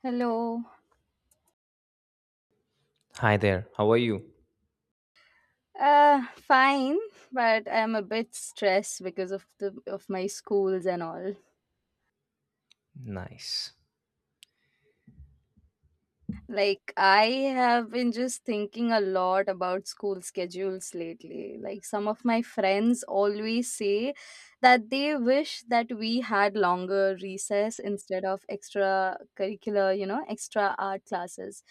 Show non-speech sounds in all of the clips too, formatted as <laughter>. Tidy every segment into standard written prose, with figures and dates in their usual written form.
Hello. Hi there, how are you? Fine, but I'm a bit stressed because of my schools and all. Nice. I have been just thinking a lot about school schedules lately. Like some of my friends always say that they wish that we had longer recess instead of extra curricular, you know, extra art classes.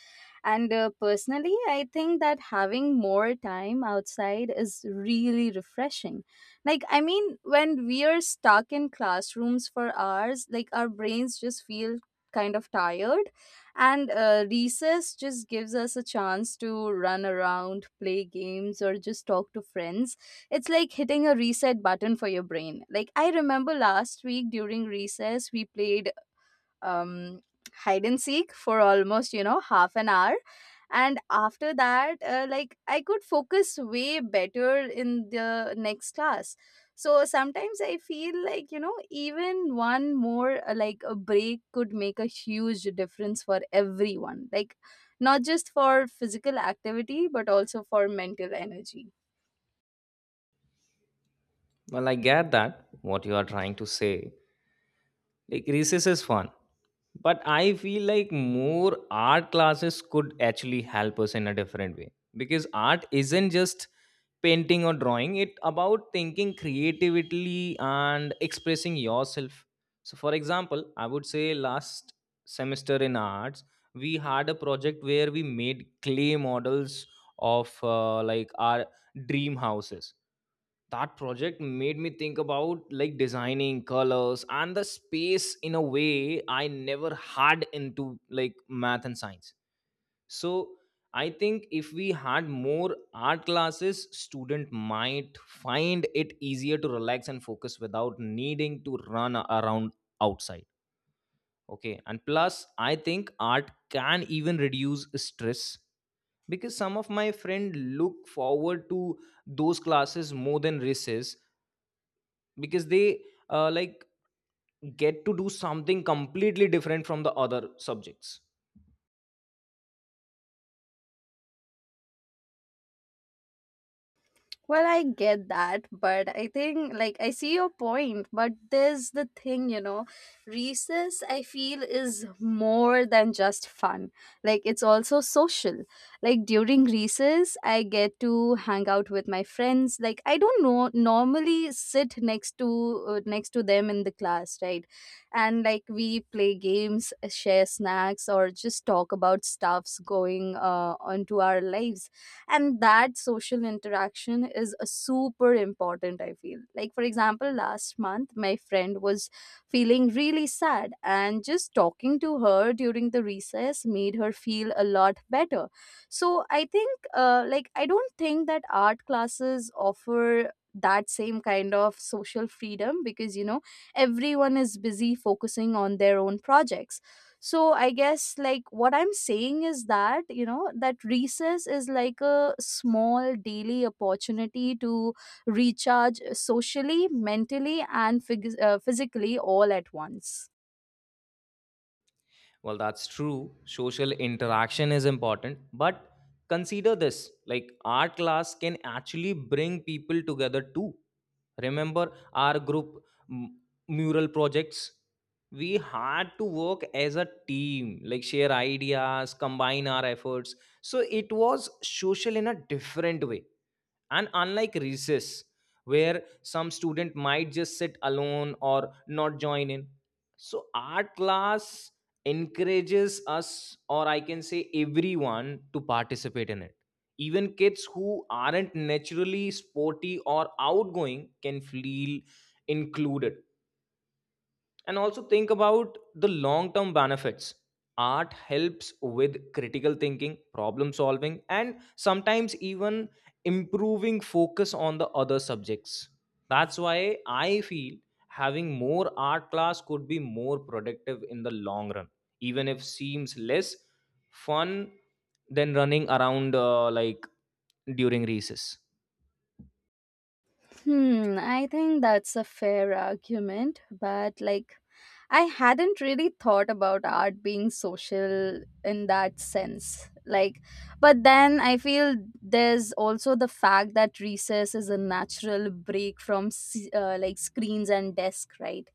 And personally, I think that having more time outside is really refreshing. Like, I mean, when we are stuck in classrooms for hours, like our brains just feel kind of tired. And recess just gives us a chance to run around, play games, or just talk to friends. It's like hitting a reset button for your brain. Like, I remember last week during recess, we played um, hide and seek for almost half an hour, and after that like I could focus way better in the next class. So sometimes I feel like, you know, even one more like a break could make a huge difference for everyone, like not just for physical activity but also for mental energy. Well, I get that what you are trying to say, like recess is fun, but I feel like more art classes could actually help us in a different way, because art isn't just painting or drawing, it about thinking creatively and expressing yourself. So for example, I would say last semester in arts we had a project where we made clay models of like our dream houses. That project made me think about like designing colors and the space in a way I never had into like math and science. So I think if we had more art classes, student might find it easier to relax and focus without needing to run around outside. Okay, and plus I think art can even reduce stress, because some of my friend look forward to those classes more than races, because they like get to do something completely different from the other subjects. Well, I get that, but I think like I see your point, but there's the thing, you know, recess I feel is more than just fun. Like it's also social. Like during recess, I get to hang out with my friends. Like I don't know, normally sit next to next to them in the class, right? And like we play games, share snacks, or just talk about stuffs going onto our lives, and that social interaction is a super important, I feel. Like for example, last month my friend was feeling really sad, and just talking to her during the recess made her feel a lot better. So I think like I don't think that art classes offer that same kind of social freedom, because you know everyone is busy focusing on their own projects. So I guess like what I'm saying is that, you know, that recess is like a small daily opportunity to recharge socially, mentally, and physically all at once. Well, that's true, social interaction is important, but consider this, like art class can actually bring people together too. Remember our group m- mural projects? We had to work as a team, like share ideas, combine our efforts, so it was social in a different way. And unlike recess, where some student might just sit alone or not join in, so art class encourages us, or I can say everyone, to participate in it. Even kids who aren't naturally sporty or outgoing can feel included. And also think about the long term benefits. Art helps with critical thinking, problem solving, and sometimes even improving focus on the other subjects. That's why I feel having more art class could be more productive in the long run, even if seems less fun than running around like during recess. Hmm, I think that's a fair argument, but like I hadn't really thought about art being social in that sense. Like, but then I feel there's also the fact that recess is a natural break from like screens and desk, right?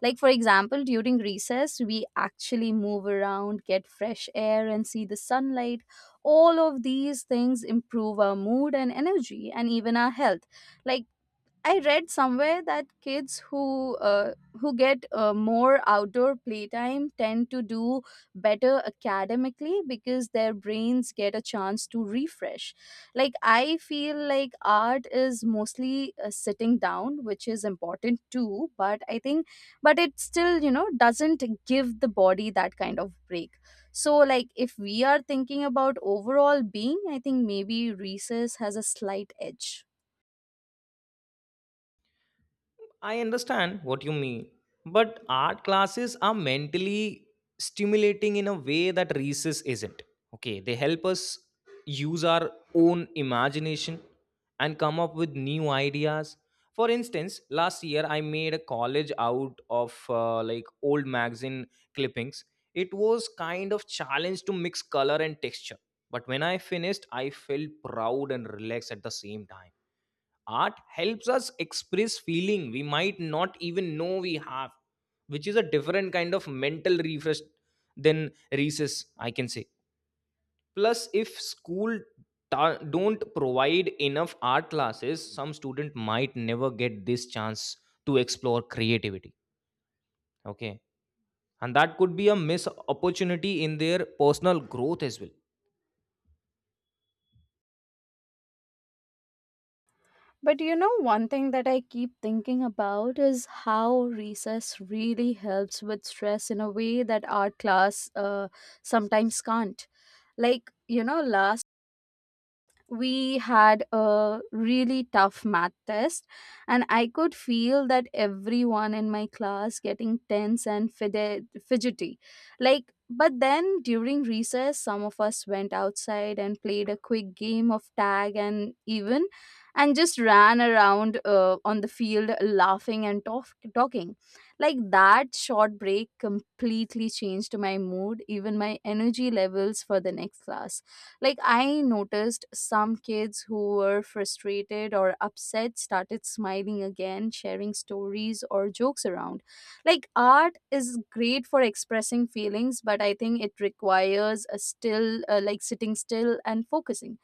Like, for example, during recess, we actually move around, get fresh air, and see the sunlight. All of these things improve our mood and energy and even our health. Like, I read somewhere that kids who get more outdoor playtime tend to do better academically, because their brains get a chance to refresh. Like I feel like art is mostly sitting down, which is important too. But it still, you know, doesn't give the body that kind of break. So like if we are thinking about overall being, I think maybe recess has a slight edge. I understand what you mean, but art classes are mentally stimulating in a way that recess isn't. Okay, they help us use our own imagination and come up with new ideas. For instance, last year I made a collage out of like old magazine clippings. It was kind of challenge to mix color and texture, but when I finished, I felt proud and relaxed at the same time. Art helps us express feeling we might not even know we have, which is a different kind of mental refresh than recess, I can say. Plus, if school don't provide enough art classes, some student might never get this chance to explore creativity. Okay, and that could be a missed opportunity in their personal growth as well. But you know, one thing that I keep thinking about is how recess really helps with stress in a way that art class sometimes can't. Like, you know, last we had a really tough math test, and I could feel that everyone in my class getting tense and fidgety. Like but then during recess some of us went outside and played a quick game of tag, and even and just ran around on the field laughing and talking. Like that short break completely changed my mood, even my energy levels for the next class. Like, I noticed some kids who were frustrated or upset started smiling again, sharing stories or jokes around. Like, art is great for expressing feelings, but I think it requires a still, like, sitting still and focusing,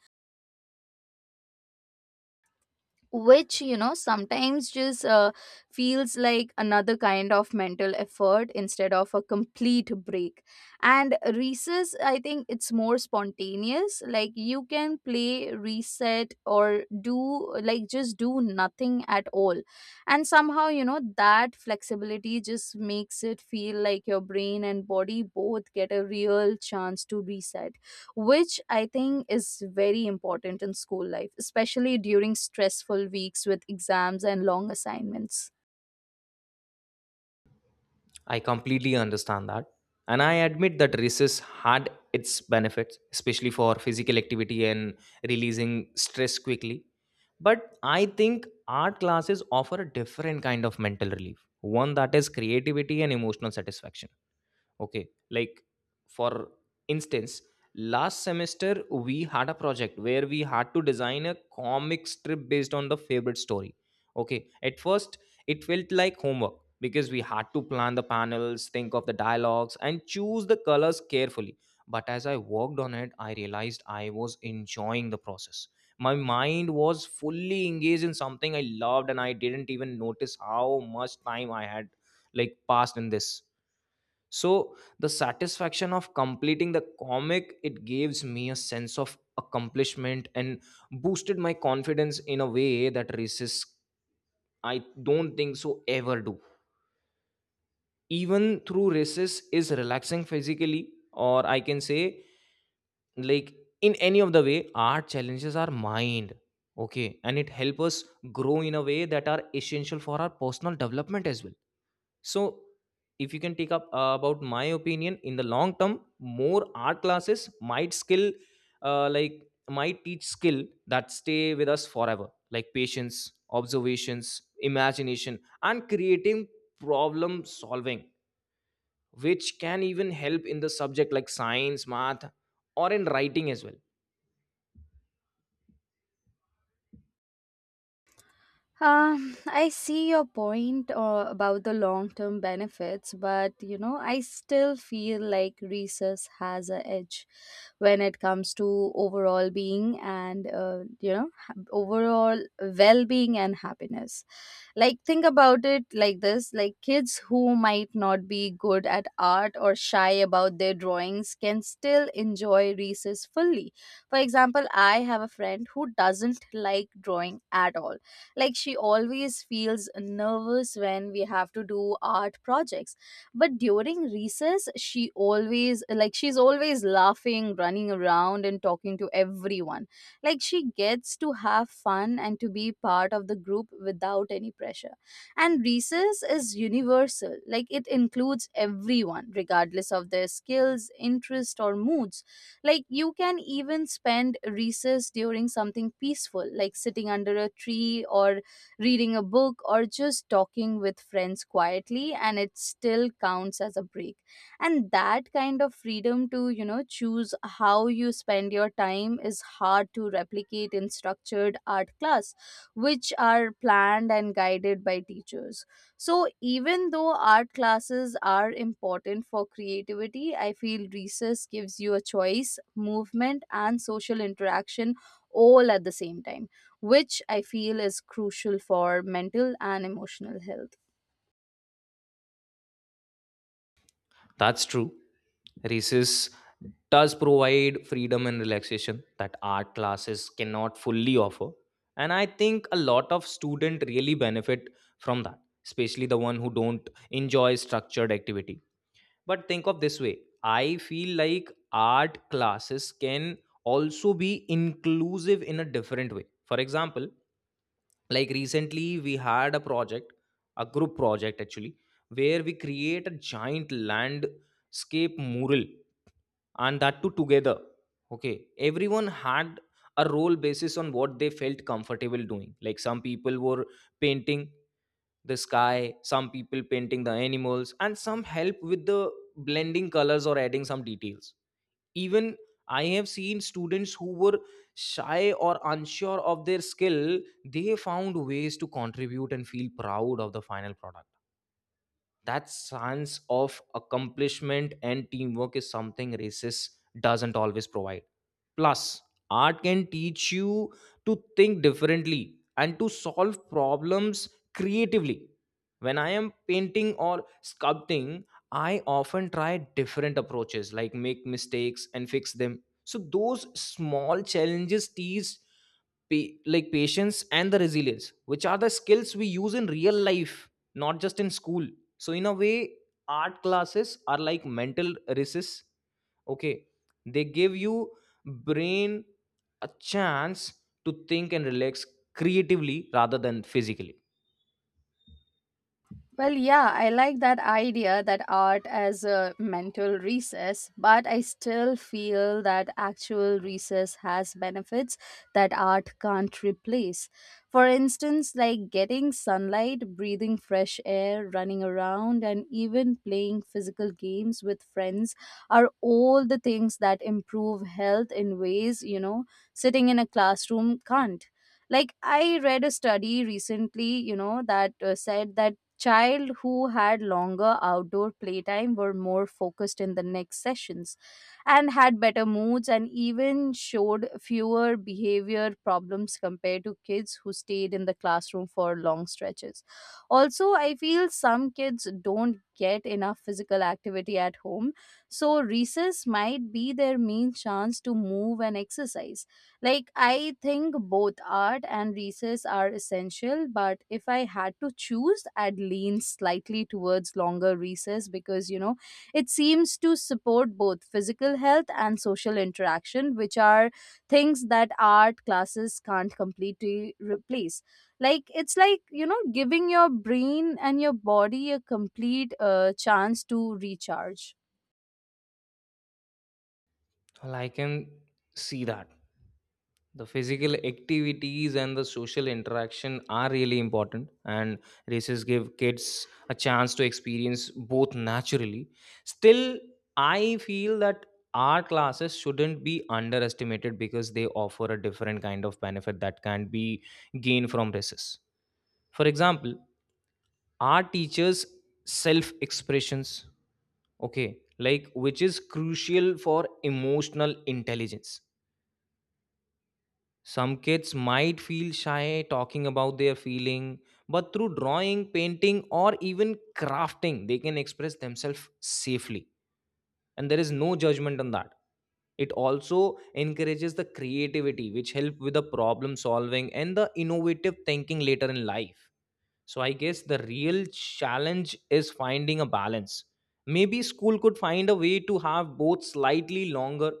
which you know sometimes just feels like another kind of mental effort instead of a complete break. And recess, I think it's more spontaneous, like you can play reset or do like just do nothing at all, and somehow, you know, that flexibility just makes it feel like your brain and body both get a real chance to reset, which I think is very important in school life, especially during stressful weeks with exams and long assignments. I completely understand that. And I admit that races had its benefits, especially for physical activity and releasing stress quickly. But I think art classes offer a different kind of mental relief, one that is creativity and emotional satisfaction. Okay, like for instance, last semester we had a project where we had to design a comic strip based on the favorite story. Okay, at first it felt like homework because we had to plan the panels, think of the dialogues, and choose the colors carefully. But as I worked on it, I realized I was enjoying the process. My mind was fully engaged in something I loved, and I didn't even notice how much time I had like passed in this. So the satisfaction of completing the comic, it gives me a sense of accomplishment and boosted my confidence in a way that races I don't think so ever do. Even through races is relaxing physically, or I can say, like, in any of the way, art challenges our mind. Okay, and it helps us grow in a way that are essential for our personal development as well. So if you can take up about my opinion, in the long term more art classes might skill like might teach skill that stay with us forever, like patience, observations, imagination, and creating problem solving, which can even help in the subject like science, math, or in writing as well. I see your point about the long term benefits, but you know, I still feel like research has a edge when it comes to overall being and you know, overall well being and happiness. Like, think about it like this, like kids who might not be good at art or shy about their drawings can still enjoy research fully. For example, I have a friend who doesn't like drawing at all, like she always feels nervous when we have to do art projects. But during recess, she's always laughing, running around, and talking to everyone. Like she gets to have fun and to be part of the group without any pressure. And recess is universal. Like it includes everyone regardless of their skills, interest, or moods. Like you can even spend recess during something peaceful, like sitting under a tree or reading a book or just talking with friends quietly, and it still counts as a break. And that kind of freedom to, you know, choose how you spend your time is hard to replicate in structured art class, which are planned and guided by teachers. So, even though art classes are important for creativity, I feel recess gives you a choice, movement, and social interaction all at the same time, which I feel is crucial for mental and emotional health. That's true. Recess does provide freedom and relaxation that art classes cannot fully offer. And I think a lot of students really benefit from that, especially the one who don't enjoy structured activity. But think of this way, I feel like art classes can also be inclusive in a different way. For example, like recently we had a project, a group project actually, where we create a giant landscape mural, and that too together. Okay, everyone had a role basis on what they felt comfortable doing, like some people were painting the sky, some people painting the animals, and some help with the blending colors or adding some details. Even, I have seen students who were shy or unsure of their skill, they found ways to contribute and feel proud of the final product. That sense of accomplishment and teamwork is something races doesn't always provide. Plus, art can teach you to think differently and to solve problems creatively. When I am painting or sculpting, I often try different approaches, like make mistakes and fix them. So those small challenges teach like patience and the resilience, which are the skills we use in real life, not just in school. So in a way, art classes are like mental recess. Okay, they give you brain a chance to think and relax creatively rather than physically. Well, yeah, I like that idea that art as a mental recess, but I still feel that actual recess has benefits that art can't replace. For instance, like getting sunlight, breathing fresh air, running around, and even playing physical games with friends are all the things that improve health in ways, you know, sitting in a classroom can't. Like I read a study recently, you know, that said that child who had longer outdoor playtime were more focused in the next sessions and had better moods and even showed fewer behavior problems compared to kids who stayed in the classroom for long stretches. Also, I feel some kids don't get enough physical activity at home, so recess might be their main chance to move and exercise. Like, I think both art and recess are essential, but if I had to choose, I'd lean slightly towards longer recess because, you know, it seems to support both physical health and social interaction, which are things that art classes can't completely replace. Like, it's like, you know, giving your brain and your body a complete chance to recharge. Well, I can see that the physical activities and the social interaction are really important, and races give kids a chance to experience both naturally. Still, I feel that art classes shouldn't be underestimated, because they offer a different kind of benefit that can be gained from races. For example, art teaches self expressions, okay, like which is crucial for emotional intelligence. Some kids might feel shy talking about their feeling, but through drawing, painting, or even crafting, they can express themselves safely. And there is no judgment on that. It also encourages the creativity, which help with the problem solving and the innovative thinking later in life. So I guess the real challenge is finding a balance. Maybe school could find a way to have both slightly longer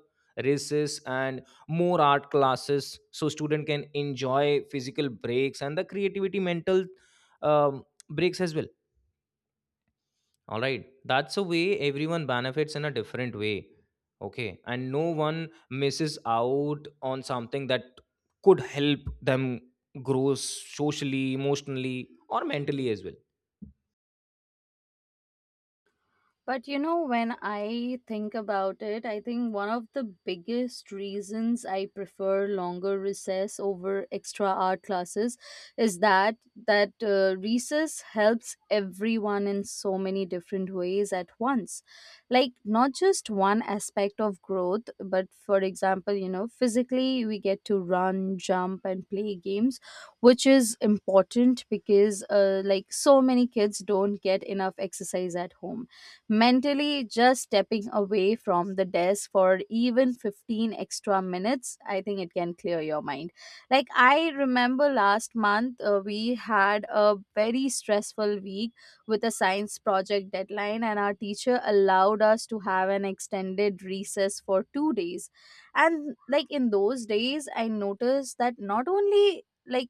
races and more art classes, so student can enjoy physical breaks and the creativity mental um, breaks as well. All right, that's a way everyone benefits in a different way. Okay, and no one misses out on something that could help them grow socially, emotionally, or mentally as well. But you know, when I think about it, I think one of the biggest reasons I prefer longer recess over extra art classes is that recess helps everyone in so many different ways at once. Like not just one aspect of growth, but for example, you know, physically we get to run, jump, and play games, which is important because like so many kids don't get enough exercise at home. Mentally, just stepping away from the desk for even 15 extra minutes, I think it can clear your mind. Like I remember last month we had a very stressful week with a science project deadline, and our teacher allowed us to have an extended recess for 2 days. And like in those days I noticed that not only like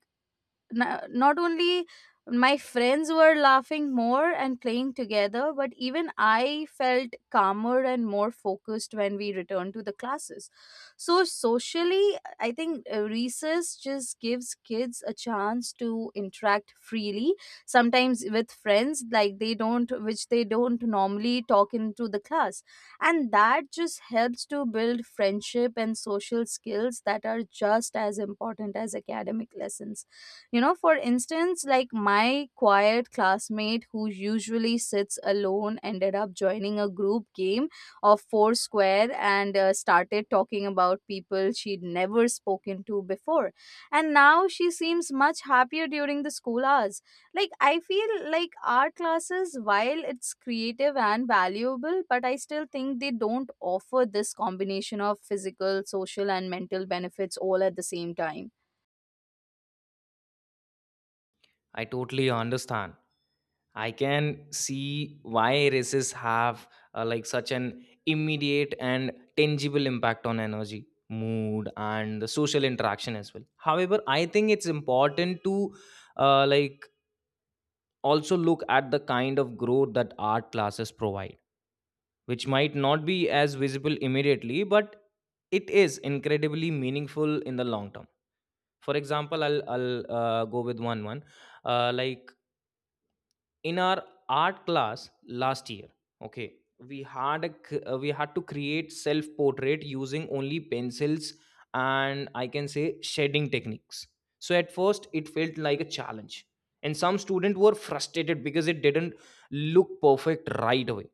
n- not only my friends were laughing more and playing together, but even I felt calmer and more focused when we returned to the classes. So, socially, I think recess just gives kids a chance to interact freely, sometimes with friends, like they don't, which they don't normally talk into the class. And that just helps to build friendship and social skills that are just as important as academic lessons. You know, for instance, like my quiet classmate who usually sits alone ended up joining a group game of Foursquare, and started talking about people she'd never spoken to before. And now she seems much happier during the school hours. Like, I feel like art classes, while it's creative and valuable, but I still think they don't offer this combination of physical, social, and mental benefits all at the same time. I totally understand. I can see why races have like such an immediate and tangible impact on energy, mood, and the social interaction as well. However, I think it's important to like also look at the kind of growth that art classes provide, which might not be as visible immediately, but it is incredibly meaningful in the long term. For example, I'll go with one like in our art class last year. Okay, we had a we had to create self portrait using only pencils, and I can say shading techniques. So at first it felt like a challenge, and some students were frustrated because it didn't look perfect right away.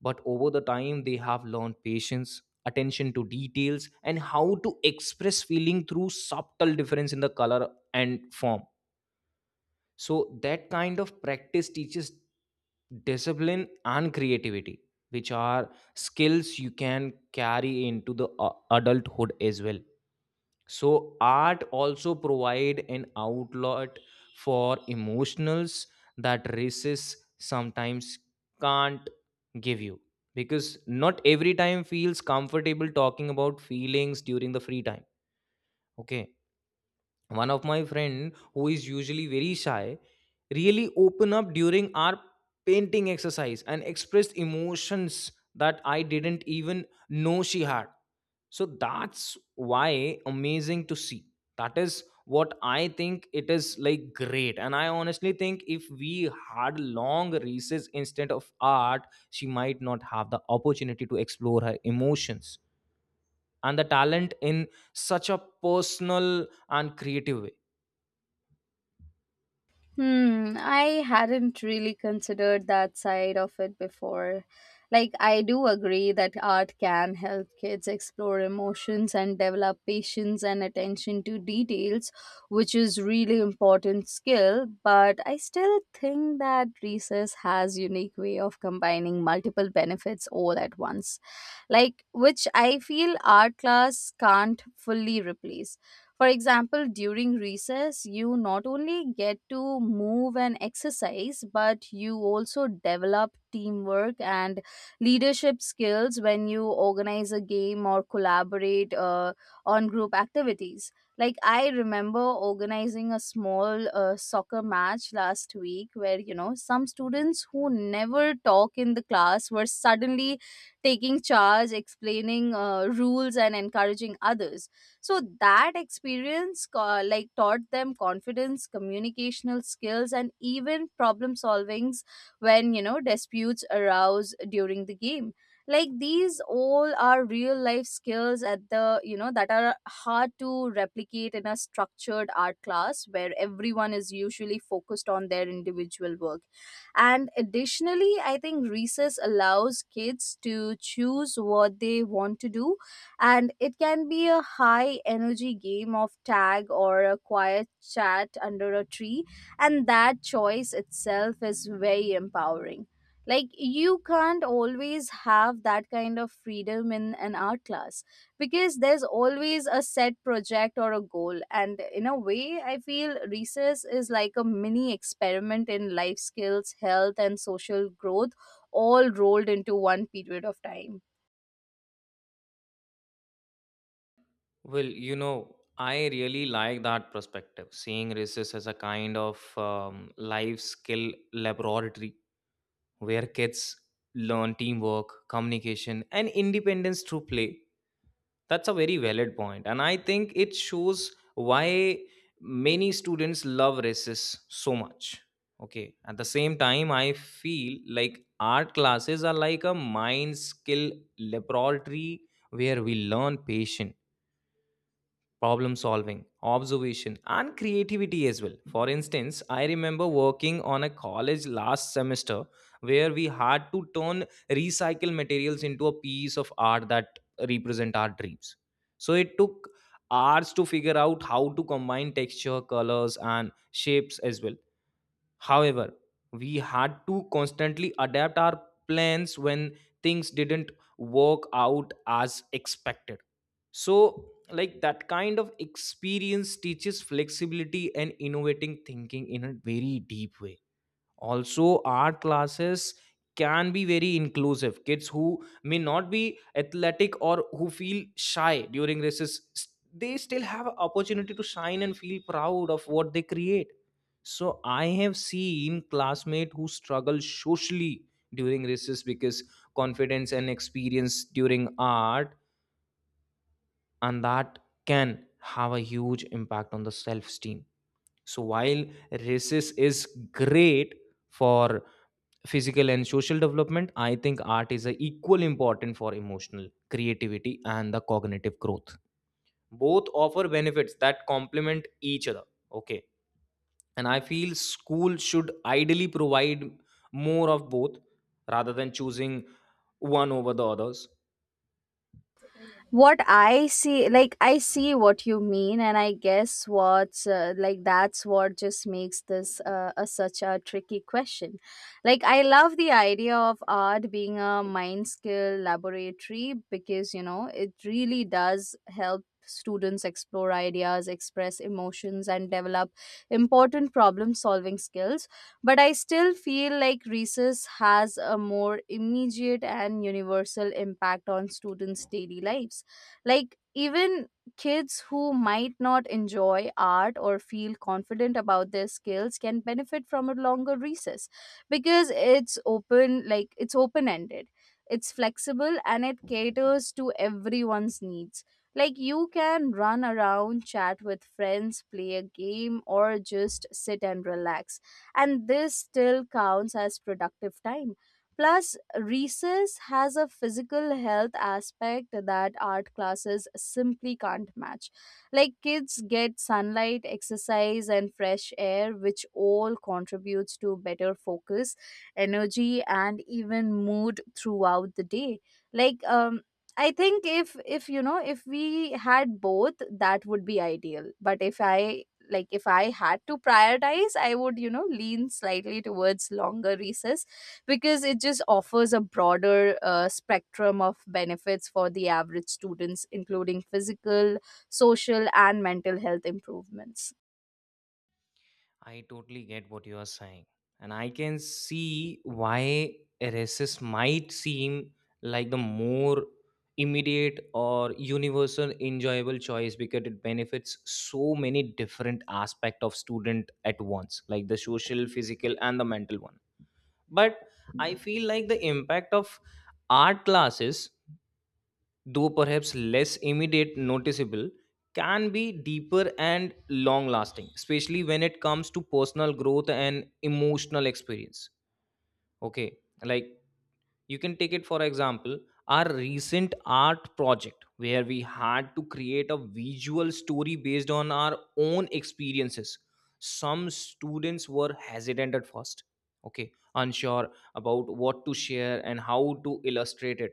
But over the time they have learned patience, attention to details, and how to express feeling through subtle difference in the color and form. So that kind of practice teaches discipline and creativity, which are skills you can carry into the adulthood as well. So art also provide an outlet for emotionals that races sometimes can't give you, because not every time feels comfortable talking about feelings during the free time. Okay, one of my friend who is usually very shy, really open up during our painting exercise and expressed emotions that I didn't even know she had. So that's why amazing to see. That is what I think, it is like great, and I honestly think if we had long recess instead of art, she might not have the opportunity to explore her emotions and the talent in such a personal and creative way. Hmm, I hadn't really considered that side of it before. Like, I do agree that art can help kids explore emotions and develop patience and attention to details, which is really important skill, but I still think that recess has unique way of combining multiple benefits all at once. Like, which I feel art class can't fully replace. For example, during recess, you not only get to move and exercise, but you also develop teamwork and leadership skills when you organize a game or collaborate on group activities. Like, I remember organizing a small soccer match last week where, you know, some students who never talk in the class were suddenly taking charge, explaining rules, and encouraging others. So that experience like taught them confidence, communicational skills, and even problem solvings when disputes arouse during the game. Like, these all are real life skills at the you know that are hard to replicate in a structured art class where everyone is usually focused on their individual work. And additionally, I think recess allows kids to choose what they want to do, and it can be a high energy game of tag or a quiet chat under a tree, and that choice itself is very empowering. Like, you can't always have that kind of freedom in an art class because there's always a set project or a goal. And in a way, I feel recess is like a mini experiment in life skills, health, and social growth, all rolled into one period of time. Well, you know, I really like that perspective, seeing races as a kind of life skill laboratory where kids learn teamwork, communication, and independence through play. That's a very valid point, and I think it shows why many students love races so much. Okay, at the same time, I feel like art classes are like a mind skill laboratory where we learn patience, problem solving, observation, and creativity as well. For instance, I remember working on a college last semester where we had to turn recycled materials into a piece of art that represent our dreams. So it took hours to figure out how to combine texture, colors, and shapes as well. However, we had to constantly adapt our plans when things didn't work out as expected. So, like that kind of experience teaches flexibility and innovating thinking in a very deep way. Also, art classes can be very inclusive. Kids who may not be athletic or who feel shy during races, s- they still have an opportunity to shine and feel proud of what they create. So I have seen classmates who struggle socially during races, because confidence and experience during art, and that can have a huge impact on the self-esteem. So while races is great for physical and social development, I think art is a equal important for emotional creativity and the cognitive growth. Both offer benefits that complement each other. Okay, and I feel school should ideally provide more of both, rather than choosing one over the others. What I see like I see what you mean, and I guess what's like that's what just makes this such a tricky question. Like, I love the idea of art being a mind skill laboratory because, you know, it really does help students explore ideas, express emotions, and develop important problem solving skills. But I still feel like recess has a more immediate and universal impact on students daily lives. Like, even kids who might not enjoy art or feel confident about their skills can benefit from a longer recess because it's open ended, it's flexible, and it caters to everyone's needs. Like, you can run around, chat with friends, play a game, or just sit and relax, and this still counts as productive time. Plus, recess has a physical health aspect that art classes simply can't match. Like, kids get sunlight, exercise, and fresh air, which all contributes to better focus, energy, and even mood throughout the day. Like, um, I think if, you know, if we had both, that would be ideal, but if I had to prioritize, I would, you know, lean slightly towards longer recess because it just offers a broader spectrum of benefits for the average students, including physical, social, and mental health improvements. I totally get what you are saying. And I can see why RSS might seem like the more immediate or universal enjoyable choice, because it benefits so many different aspect of student at once, like the social, physical, and the mental one. But I feel like the impact of art classes, though perhaps less immediate noticeable, can be deeper and long lasting, especially when it comes to personal growth and emotional experience. Okay, like you can take it for example, our recent art project where we had to create a visual story based on our own experiences. Some students were hesitant at first, okay, unsure about what to share and how to illustrate it.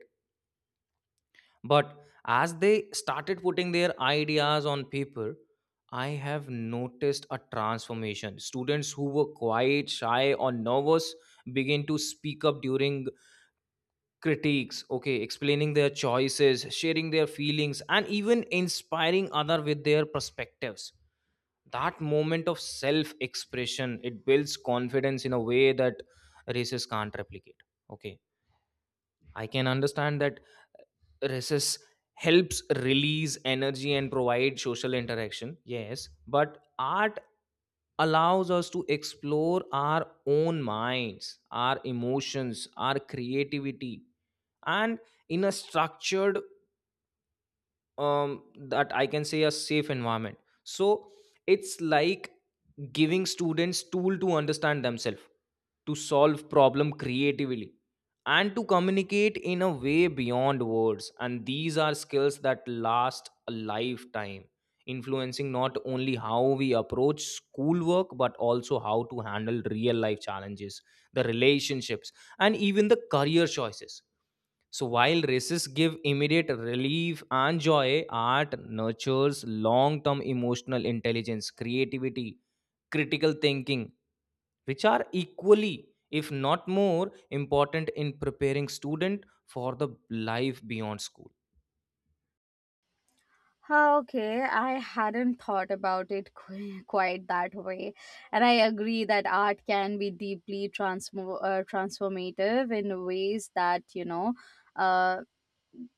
But as they started putting their ideas on paper, I have noticed a transformation. Students who were quiet, shy, or nervous begin to speak up during critiques, okay, explaining their choices, sharing their feelings, and even inspiring other with their perspectives. That moment of self expression, it builds confidence in a way that races can't replicate. Okay, I can understand that recess helps release energy and provide social interaction. Yes, but art allows us to explore our own minds, our emotions, our creativity, and in a structured that I can say a safe environment. So it's like giving students tool to understand themselves, to solve problem creatively, and to communicate in a way beyond words. And these are skills that last a lifetime, influencing not only how we approach schoolwork but also how to handle real life challenges, the relationships, and even the career choices. So while races give immediate relief and joy, art nurtures long term emotional intelligence, creativity, critical thinking, which are equally, if not more, important in preparing student for the life beyond school. Okay, I hadn't thought about it <laughs> quite that way. And I agree that art can be deeply transformative in ways that, you know, uh,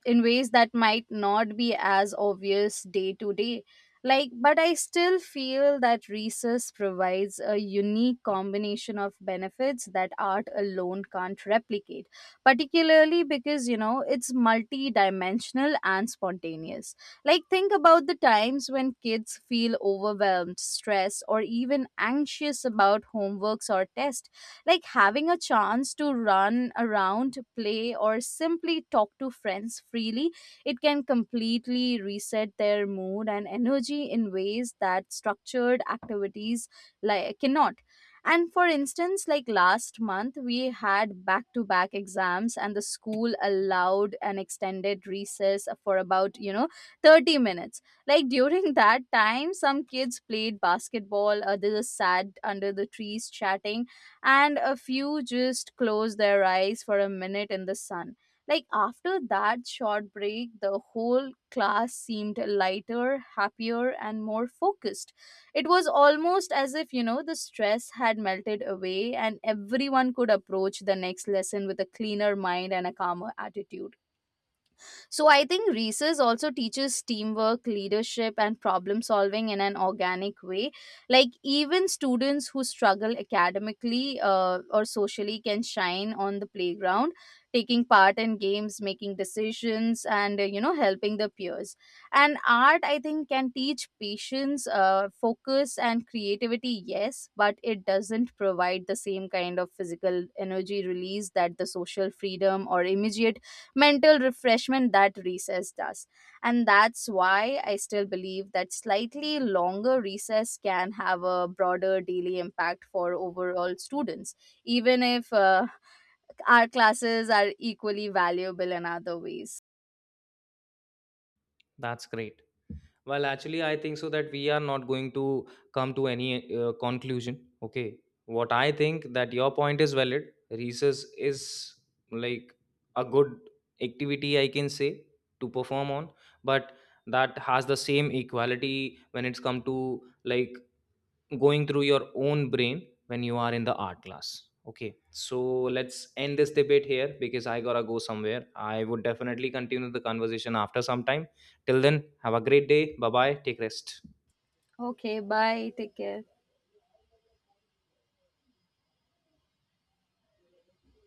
in ways that might not be as obvious day to day. Like, but I still feel that research provides a unique combination of benefits that art alone can't replicate, particularly because, you know, it's multi-dimensional and spontaneous. Like, think about the times when kids feel overwhelmed, stressed, or even anxious about homeworks or tests. Like, having a chance to run around, play, or simply talk to friends freely, it can completely reset their mood and energy in ways that structured activities like cannot. And for instance, like last month, we had back to back exams, and the school allowed an extended recess for about, you know, 30 minutes. Like, during <laughs> that time, some kids played basketball, others sat under the trees chatting, and a few just close their eyes for a minute in the sun. Like, after that short break, the whole class seemed lighter, happier, and more focused. It was almost as if, you know, the stress had melted away and everyone could approach the next lesson with a cleaner mind and a calmer attitude. So I think Reese's also teaches teamwork, leadership, and problem solving in an organic way. Like, even students who struggle academically or socially can shine on the playground, taking part in games, making decisions, and, you know, helping the peers. And art, I think, can teach patience, focus, and creativity. Yes, but it doesn't provide the same kind of physical energy release, that the social freedom or immediate mental refreshment that recess does. And that's why I still believe that slightly longer recess can have a broader daily impact for overall students, even if, our classes are equally valuable in other ways. That's great. Well, actually, I think so that we are not going to come to any conclusion. Okay, what I think that your point is valid. Recess is like a good activity, I can say, to perform on, but that has the same equality when it's come to, like, going through your own brain when you are in the art class. Okay, so let's end this debate here because I gotta go somewhere. I would definitely continue the conversation after some time. Till then, have a great day. Bye bye, take rest. Okay, bye. Take care.